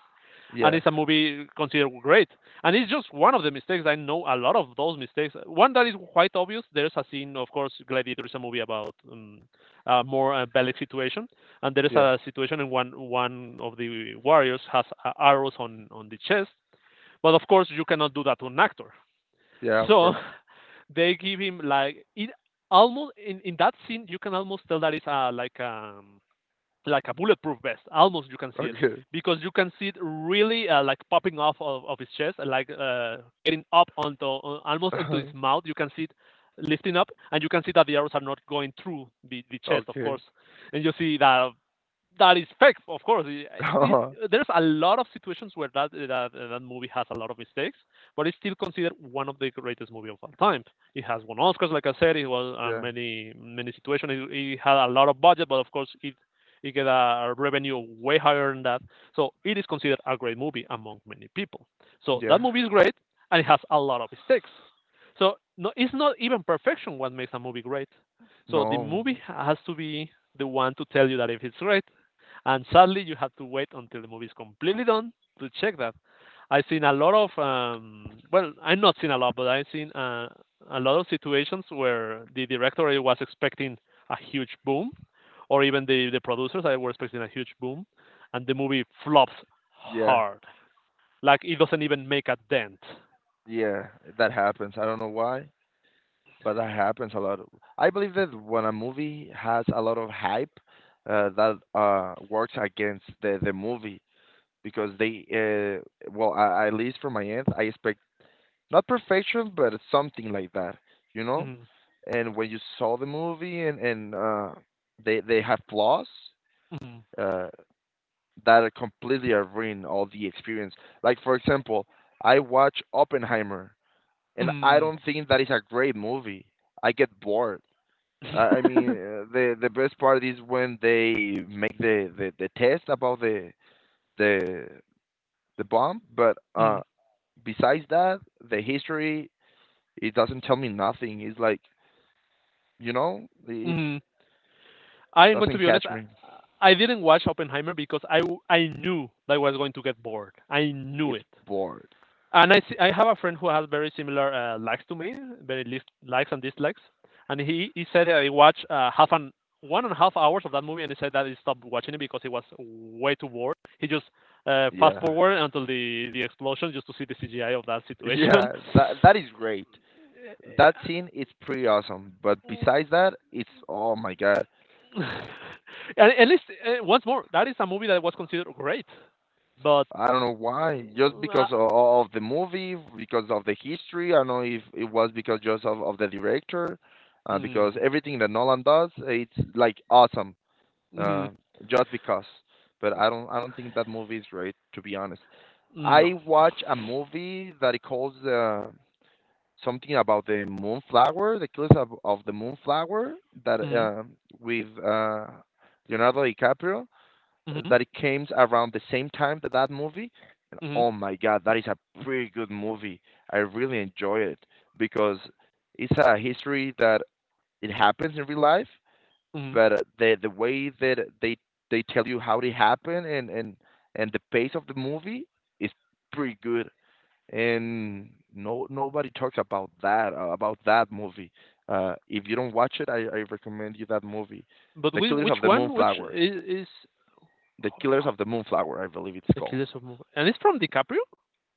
and yeah, it's a movie considered great. And it's just one of the mistakes. I know a lot of those mistakes. One that is quite obvious. There's a scene, of course. Gladiator is a movie about a more bellic situation, and there is yeah, a situation in one of the warriors has arrows on the chest. But of course, you cannot do that to an actor. yeah, [laughs] of So course. they give him like it almost in that scene. You can almost tell that it's a, like um like a bulletproof vest. Almost you can see it, Okay. because you can see it really like popping off of his chest, and, like, getting up onto, almost into his [laughs] mouth. You can see it lifting up, and you can see that the arrows are not going through the chest, of Okay. course. And you see that that is fake, of course. [laughs] There's a lot of situations where that movie has a lot of mistakes, but it's still considered one of the greatest movies of all time. It has won Oscars, like I said. It was Yeah, many situations. It had a lot of budget, but of course it get a revenue way higher than that. So it is considered a great movie among many people. So yeah. that movie is great, and it has a lot of mistakes. So no, it's not even perfection what makes a movie great. So the No. movie has to be the one to tell you that if it's great, and sadly, you have to wait until the movie is completely done to check that. I've seen a lot of, well, I've not seen a lot, but I've seen a lot of situations where the director was expecting a huge boom, or even the producers I were expecting a huge boom, and the movie flops Yeah, hard. Like it doesn't even make a dent. yeah. That happens. I don't know why, but that happens a lot. I believe that when a movie has a lot of hype, that works against the movie because they well, I, at least from my end, I expect not perfection, but it's something like that, you know? Mm, And when you saw the movie and they have flaws, mm, uh that completely ruin all the experience. Like for example, I watch Oppenheimer and I mm, don't think that is a great movie. I get bored. I mean, [laughs] the best part is when they make the test about the the bomb, but mm, besides that, the history it doesn't tell me nothing. It's like, you know, it mm. I am going to doesn't be honest. catch I, me. I didn't watch Oppenheimer because I knew that I was going to get bored. I knew It's it, bored. and I have a friend who has very similar likes to me, very likes and dislikes, and he said that he watched half an 1.5 hours of that movie, and he said that he stopped watching it because he was way too bored. He just fast Yeah. forward [laughs] until the explosion just to see the CGI of that situation. Yeah, that that is great. That scene is pretty awesome. But besides that, it's oh my god. [laughs] And at least, once more, that is a movie that was considered great, but I don't know why. Just Um, uh, because of the movie, because of the history. I don't know if it was because just of the director, because Mm. everything that Nolan does, it's like awesome. Mm-hmm. uh, just because. But I don't think that movie is great to be honest. No. I watch a movie that it calls something about the moonflower, the killers of the moonflower that Mm-hmm. With Leonardo DiCaprio Mm-hmm. that it came around the same time that that movie. Mm-hmm. Oh my god, that is a pretty good movie. I really enjoy it because it's a history that it happens in real life Mm-hmm. but the way that they tell you how they happen and the pace of the movie is pretty good and no nobody talks about that movie. If you don't watch it, I recommend you that movie. But The whi killers of which the one? Which moonflower, is, is the killers of the oh, moonflower I believe it's the called. Killers of Move? And it's from DiCaprio.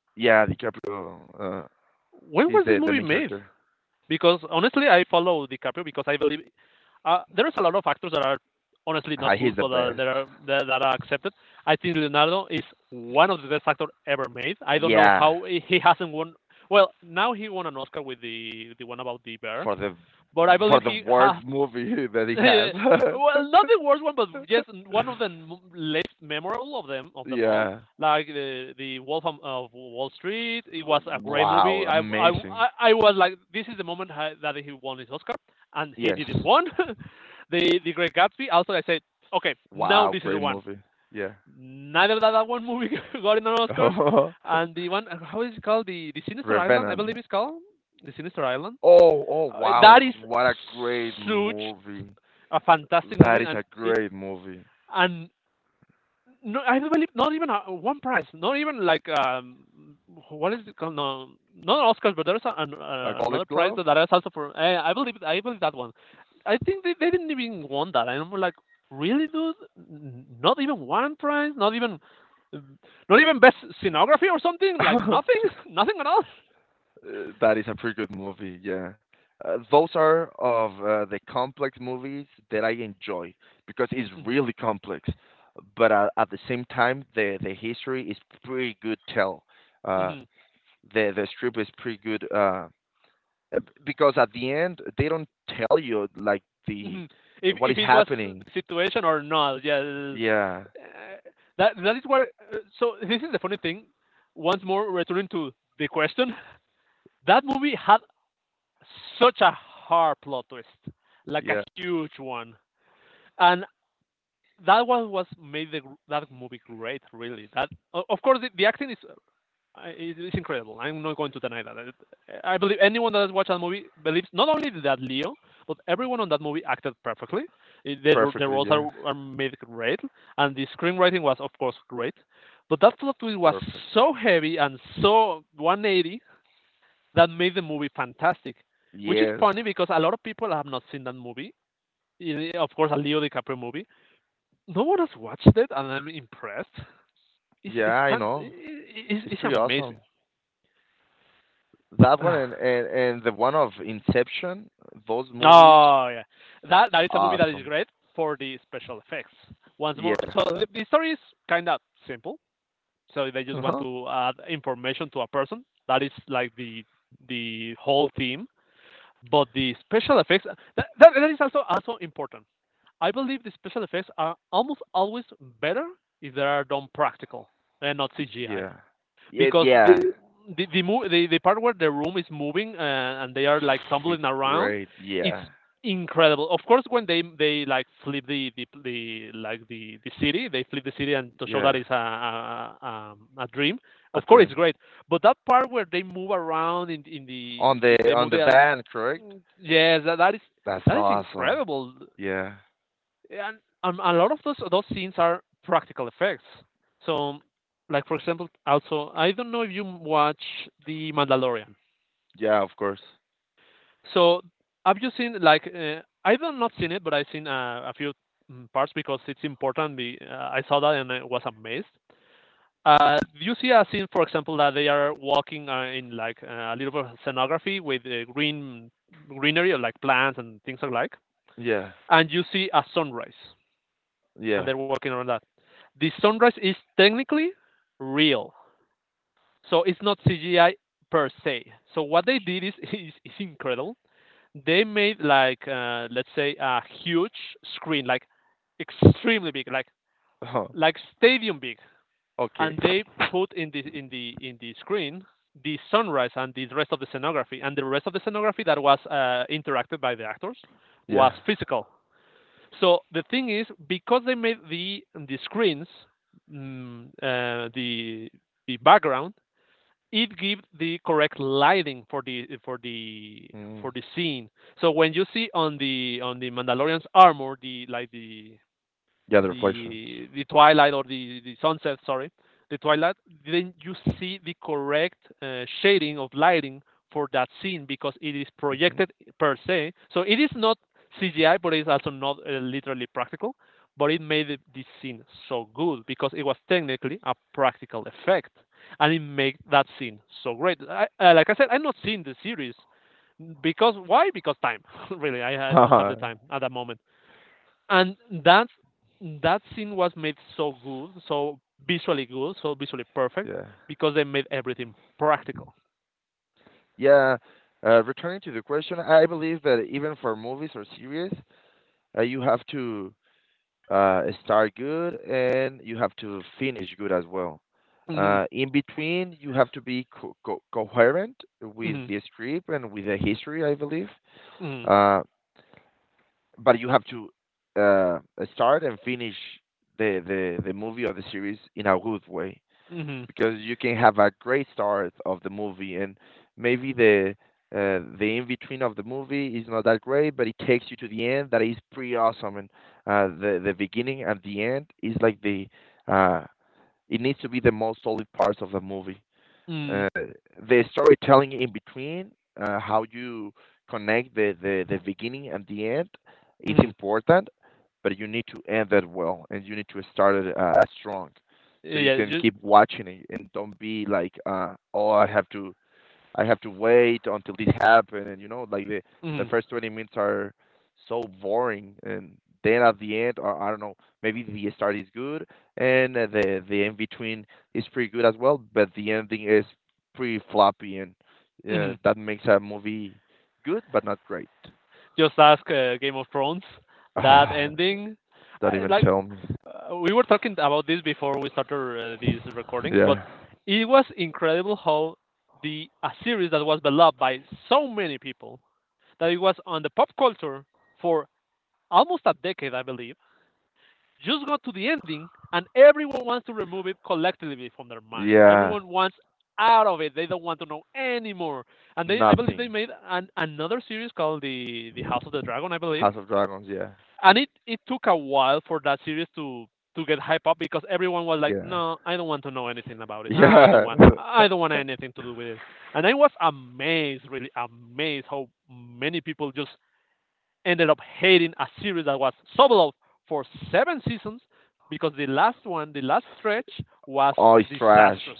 Yeah, DiCaprio When is was this the movie main made? character. Because honestly, I follow DiCaprio because I believe there is a lot of actors that are honestly Ah, not he's good, the but best. there are that are accepted. I think Leonardo is one of the best actors ever made. I don't know Yeah, how he hasn't won. Well, now he won an Oscar with the one about the bear, for the but I for believe the he worst has movie [laughs] that he [laughs] has. well, not the worst one, but just one of the least memorable of them [laughs] all. Yeah. Like the Wolf of Wall Street, it was a great Wow, movie. I I amazing. I I was like, this is the moment that he won his Oscar, and he Yes. didn't won. [laughs] The Great Gatsby. Also, I said, okay, now Wow, this is the great one. movie. Yeah. Neither that one movie [laughs] got an Oscar, [laughs] and the one, how is it called? The Sinister Island, I Revenant. believe it's called the Sinister Island. Oh, oh, That wow. is What a great such movie. a fantastic movie, That is and a it great movie. and no, I don't believe not even one prize, not even like, what is it called? No, not Oscars, but there's A Golden another prize Glove? that that is also for. I believe that one. I think they didn't even want that. I'm like, really, dude? Not even one prize? Not even best scenography or something? Like nothing? [laughs] [laughs] Nothing at all? That is a pretty good movie, yeah. Those are of the complex movies that I enjoy because it's really complex. But at the same time, the history is pretty good tell. Uh, Mm-hmm. the strip is pretty good. Because at the end they don't tell you like the hmm If what is it was the happening. situation or not? Yeah. Yeah, Uh, that is what. So this is the funny thing. Once more, returning to the question, that movie had such a hard plot twist, like a yeah, huge one, and that was what made that movie great. Really, of course the acting I, it's incredible. I'm not going to deny that. I believe anyone that has watched that movie believes not only that Leo, but everyone on that movie acted perfectly. The perfectly. roles are, Yeah, are made great, and the screenwriting was, of course, great. But that plot twist was perfect. so heavy and so 180 that made the movie fantastic. Which is Yes. funny because a lot of people have not seen that movie. Of course, a Leo DiCaprio movie. No one has watched it, and I'm impressed. Yeah, It's I fan- know. I- It's it's pretty awesome. amazing. That one [sighs] and the one of Inception. Those movies, Oh, yeah. That is a movie that is awesome. great for the special effects. Once more, Yeah. so the story is kind of simple. So they just Uh want huh. to add information to a person. That is like the whole theme. But the special effects, that is also important. I believe the special effects are almost always better if they are done practical and not CGI Yeah. Yeah. because the Yeah. the the, mo- the the part where the room is moving and they are like It's tumbling around, great. it's Yeah. incredible. Of course, when they like flip the city, they flip the city and to show that Yeah. it's a dream. A Of course, it's dream great. But that part where they move around in the they on move the their van, correct? yes, that, That's that is awesome. incredible Yeah. and a lot of those scenes are practical effects. So, like for example, also I don't know if you watch The Mandalorian. Yeah, of course. So, have you seen like I've not seen it, but I've seen a few parts because it's important. I saw that and I was amazed. You see a scene, for example, that they are walking in like a little bit of scenography with greenery or like plants and things like? Yeah. And you see a sunrise and Yeah. they're working on that. The sunrise is technically real, so it's not CGI per se. So what they did is [laughs] is incredible. They made like let's say a huge screen, like extremely big, Uh-huh. like stadium big, Okay. and they put in the screen the sunrise and the rest of the scenography, and the rest of the scenography that was interacted by the actors was Yeah. physical. So the thing is, because they made the screens, mm, uh, the the background, it gives the correct lighting for the for the for Mm. the scene. So when you see on the Mandalorian's armor, the like the Yeah, the reflections. the the twilight or the sunset sorry the twilight then you see the correct shading of lighting for that scene because it is Hmm. [laughs] projected per se so it is not cgi but it's also not literally practical but it made it, this scene so good because it was technically a practical effect and it made that scene so great. I, like I said, I'm not seeing the series because why? Because time. [laughs] Really, I didn't have the Haha. time at that moment and that that scene was made so good, so visually perfect Yeah. because they made everything practical. Yeah. Returning to the question, I believe that even for movies or series, you have to start good and you have to finish good as well. Mhm, In between, you have to be coherent with mhm, the script and with the history, I believe. mhm, Uh, but you have to uh, start and finish the, the movie or the series in a good way mhm, because you can have a great start of the movie and maybe the in between of the movie is not that great, but it takes you to the end. That is pretty awesome, and the beginning and the end is like the uh, it needs to be the most solid parts of the movie, mhm, uh, the storytelling in between, how you connect the, the beginning and the end, is mhm. important, but you need to end that well and you need to start it strong. So you Yeah, can just, keep watching it and don't be like, oh, I have to wait until this happen, and you know, like the mhm, first 20 minutes are so boring, and then at the end, or I don't know, maybe the start is good, and the in between is pretty good as well, but the ending is pretty floppy, and yeah, mhm. that makes a movie good but not great. [sighs] Just ask Game of Thrones, that Ah, ending. don't I, even like tell me. We were talking about this before we started this recording, but Yeah, it was incredible how the a series that was beloved by so many people that it was on the pop culture for almost a decade, I believe, just got to the ending and everyone wants to remove it collectively from their minds. yeah, Everyone wants out of it. They don't want to know anymore. And they I believe they nothing. made another series called the House of the Dragon, I believe. House of Dragons, yeah, And it took a while for that series to get hype up because everyone was like, yeah, "No, I don't want to know anything about [laughs] it. Yeah. I don't [laughs] want anything to do with it." And I was amazed, really amazed how many people just ended up hating a series that was sub for seven seasons because the last one, the last stretch, was Oh, it's trash. disastrous.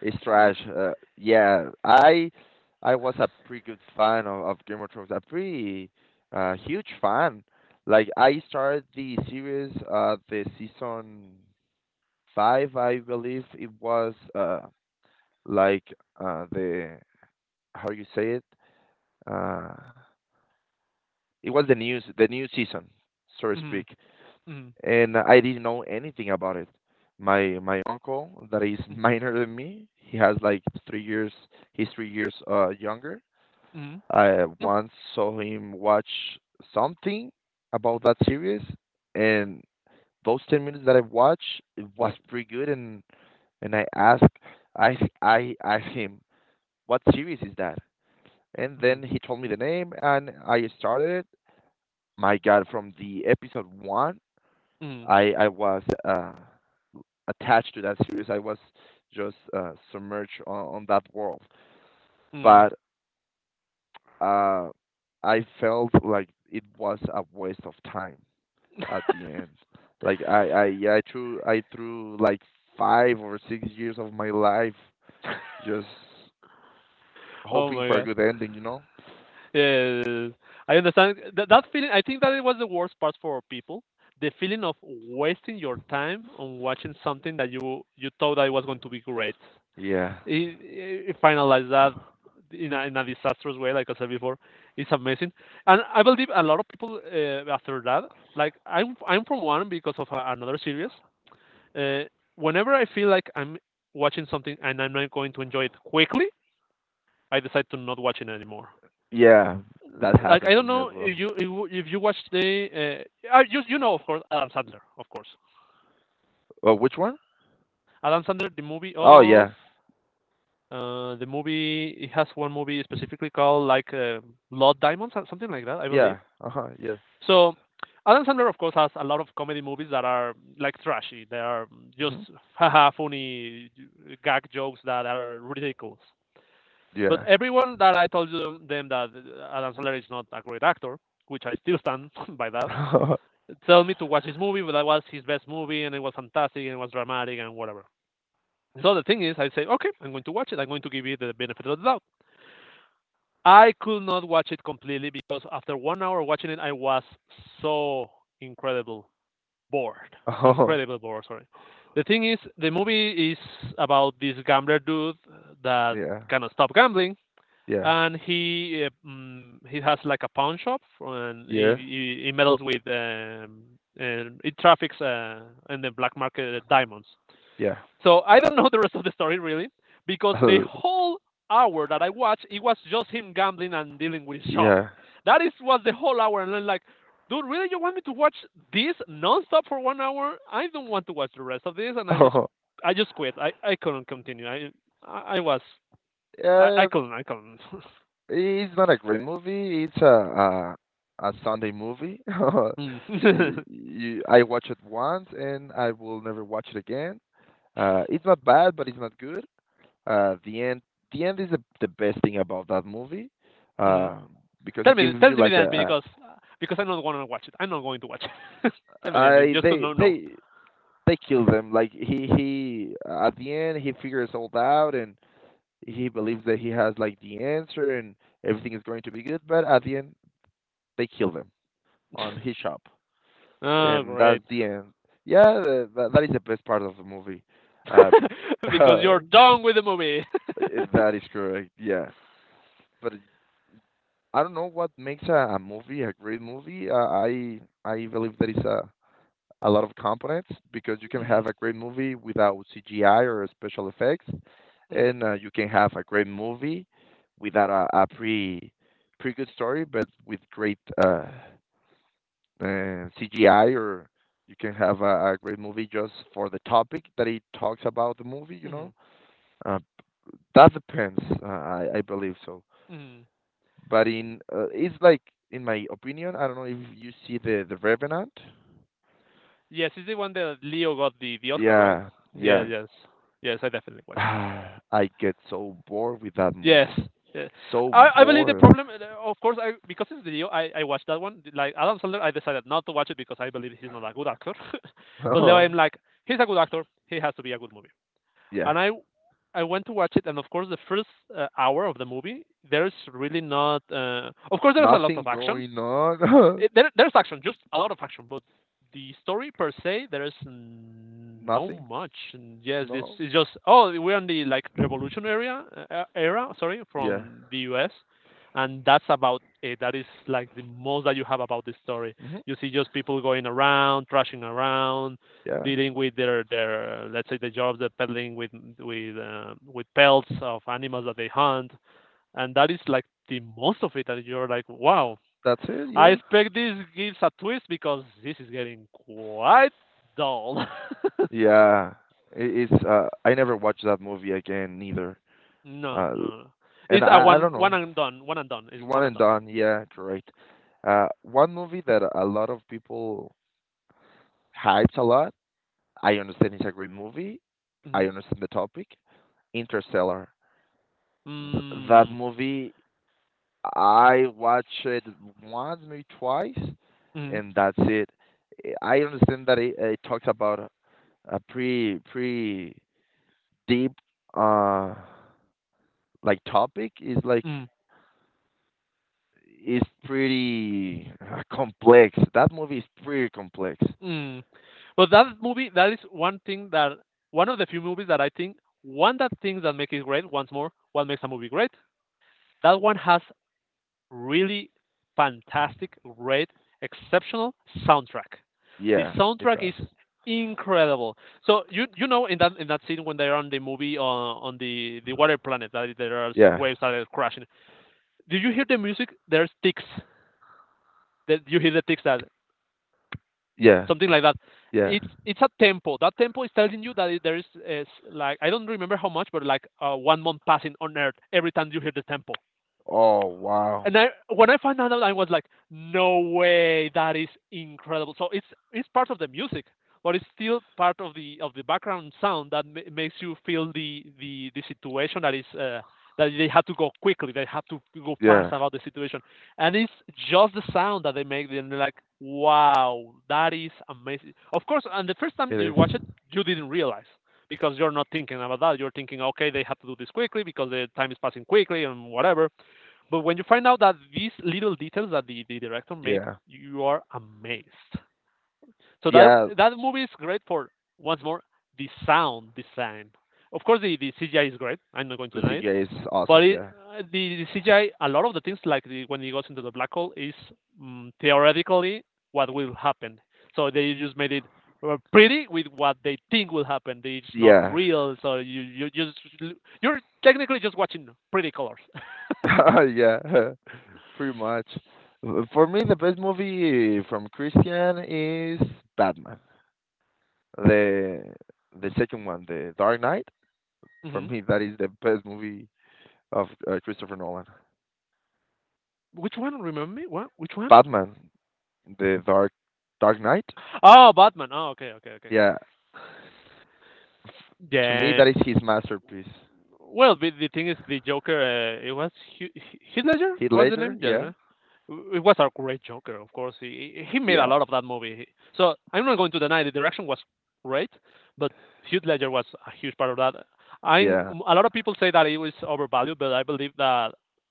It's trash. Yeah, I was a pretty good fan of Game of Thrones, a pretty huge fan. Like I started the series the season five, I believe it was like the how you say it uh it was the new season, so to Mm, speak. mm, And I didn't know anything about it. My uncle that is [laughs] minor than me, he has like 3 years. He's 3 years younger. mm, I once saw him watch something about that series, and those 10 minutes that I watched it was pretty good. And I asked, I I asked him, what series is that? And then he told me the name, and I started it. My God, from the episode one, I was attached to that series. I was just submerged on that world, mm. but uh, I felt like it was a waste of time at the end. Like yeah, I threw like 5 or 6 years of my life just Oh hoping my for a god! good ending. You know? Yes, I understand that feeling. I think that it was the worst part for people. The feeling of wasting your time on watching something that you thought that it was going to be great. Yeah, He finalized that in a disastrous way, like I said before. It's amazing, and I believe a lot of people after that. Like I'm from one because of another series. Uh, Whenever I feel like I'm watching something and I'm not going to enjoy it quickly, I decide to not watch it anymore. yeah, that Like I happens to don't me as know well. if you watch the you you know of course Adam Sandler of course Oh, which one? Adam Sandler the movie Oh of yeah, the movie, it has one movie specifically called like Blood Diamonds or something like that, I believe. yeah, uh huh, yeah, So Adam Sandler, of course, has a lot of comedy movies that are like trashy. They are just hmm [laughs] haha funny gag jokes that are ridiculous. But yeah. everyone that I told you them that Adam Sandler is not a great actor, which I still stand [laughs] by that, [laughs] tell me to watch this movie, but that was his best movie and it was fantastic and it was dramatic and whatever. So the thing is, I say, okay, I'm going to watch it. I'm going to give it the benefit of the doubt. I could not watch it completely because after 1 hour watching it, I was so incredible bored. Oh, Incredible bored, sorry. The thing is, the movie is about this gambler dude that yeah, cannot stop gambling, yeah, and he he has like a pawn shop, and yeah. He meddles with and it traffics in the black market diamonds. Yeah. So I don't know the rest of the story really, because the [laughs] whole hour that I watched, it was just him gambling and dealing with shop. yeah. That is was the whole hour, and I'm like, dude, really, you want me to watch this nonstop for 1 hour? I don't want to watch the rest of this, and Oh, I just quit. I couldn't continue. I I was, I yeah. couldn't, I couldn't. [laughs] It's not a great movie. It's a Sunday movie. Mm. [laughs] [laughs] I watched it once, and I will never watch it again. It's not bad, but it's not good. The end. The end is the best thing about that movie, Mhm. uh, because it gives Tell you me like the ending because I don't want to watch it. I'm not going to watch it. [laughs] Tell a me the ending, I just to know, no. They kill them. Like he, at the end, he figures all that out. And he believes that he has like the answer and everything is going to be good, but at the end they kill them on his shop, Oh, and that's great. the end. Yeah, that is the best part of the movie. Uh, [laughs] [laughs] Because you're that done with the movie. [laughs] is correct. Yeah, but I don't know what makes a movie a great movie. I believe that is a lot of components because you can have Mhm, a great movie without CGI or special effects, mhm, and you can have a great movie without a, pretty good story, but with great CGI, or you can have a great movie just for the topic that it talks about the movie. You know, mhm, uh, that depends. I believe so, mhm. but in it's like in my opinion, I don't know if you see the Revenant. Yes, it's the one that Leo got the Oscar, right? Yeah, Yeah, yeah. yes, yes, I definitely [sighs] watch it. I get so bored with that Yes, movie. yeah. So I believe the bored. problem, of course, I because it's Leo, I watched that one. Like Adam Sandler, I decided not to watch it because I believe he's not a good actor. [laughs] But Leo, I'm [laughs] like, he's a good actor. He has to be a good movie. yeah. And I went to watch it, and of course, the first hour of the movie, there's really not. Of course, there's a lot of Nothing action. going on. There's action, just a lot of action, but the story per se, there is [laughs] no Nothing. much. And yes, No. it's just oh, we're in the like revolution area era, sorry, Yeah. from the U.S., and that's about it. That is like the most that you have about the story. hmm You see just people going around, trashing around, Yeah. dealing with their let's say the jobs, they're peddling with with pelts of animals that they hunt, and that is like the most of it. And you're like, wow, That's it. I Yeah. expect this gives a twist because this is getting quite dull. [laughs] No, Yeah. It, it's I never watched that movie again neither. no, Uh, no. and It's a I one, don't one know. and done. One and done. It's One one and and done. done. Yeah, correct. Uh, one movie that a lot of people hypes a lot. I understand it's a great movie. Mm-hmm. I understand the topic. Interstellar. Th That Mm, movie, I watched it once, maybe twice, mm, and that's it. Eh, I understand that it talks about a pretty pretty deep uh like topic. It's like mm, it's pretty complex. That movie is pretty complex. mm. But that movie, that is one thing that one of the few movies that I think one that things that make it great. Once more, what makes a movie great? That one has really fantastic, great, exceptional soundtrack. The Yeah, it soundtrack is does. incredible. So you know in that scene when they're on the movie on the water planet that there are Yeah, waves that are crashing. Do you hear the music? There's ticks. That you hear the ticks that yeah, something like that. yeah. It's a tempo. That tempo is telling you that is like I don't remember how much, but like 1 month passing on Earth every time you hear the tempo. Oh wow. And when I found out, I was like, "No way! That is incredible!" So it's part of the music, but it's still part of the background sound that makes you feel the situation that is that they have to go quickly, they have to go Yeah, fast about the situation, and it's just the sound that they make. And they are like, "Wow, that is amazing!" Of course, and the first time it you is. watch it, you didn't realize because you're not thinking about that. You're thinking, "Okay, they have to do this quickly because the time is passing quickly and whatever." But when you find out that these little details that the director made, Yeah, you are amazed. So yeah. that movie is great for once more the sound design. Of course, the CGI is great. I'm not going to The deny it. CGI is But awesome. Yeah, the CGI, a lot of the things like when he goes into the black hole, is theoretically what will happen. So they just made it pretty with what they think will happen. It's not yeah. real, so you just you're technically just watching pretty colors. [laughs] Yeah, [laughs] pretty much. For me, the best movie from Christian is Batman. The the second one, The Dark Knight. [laughs] For Hmm. me, that is the best movie of Christopher Nolan. Which one? Remember me? What? Which one? Batman, The Dark Knight. Oh, Batman. Oh, okay, okay, okay. Yeah, f- to me, that Yeah. is his masterpiece. Well, the thing is, the Joker. It was Heath Heath Ledger. Heath What's the Ledger. name? Yes. Yeah, Huh? It was a great Joker, of course. He made a yeah, lot of that movie. So I'm not going to deny the direction was great, but Heath Ledger was a huge part of that. I yeah, A lot of people say that it was overvalued, but I believe that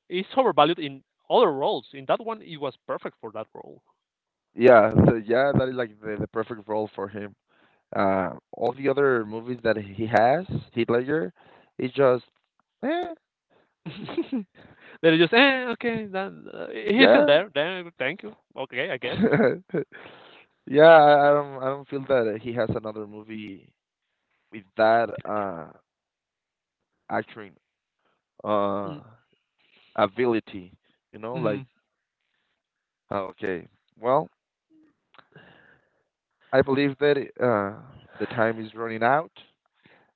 it's overvalued in other roles. In that one, it was perfect for that role. yeah. So yeah, that is like the perfect role for him. All the other movies that he has, Heath Ledger, it's just, eh, [laughs] They're just, eh, okay, then, he isn't yeah, there. Then, thank you. Okay, I guess. [laughs] yeah. I don't feel that he has another movie with that acting uh ability. You know, Mm-hmm. like oh, okay, well, I believe that uh the time is running out.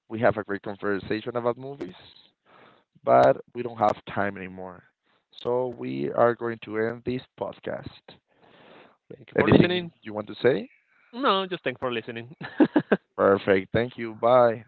We have a great conversation about movies, but we don't have time anymore. So we are going to end this podcast. Thank you for Anything listening. you want to say? No, just thank for listening. [laughs] Perfect. Thank you. Bye.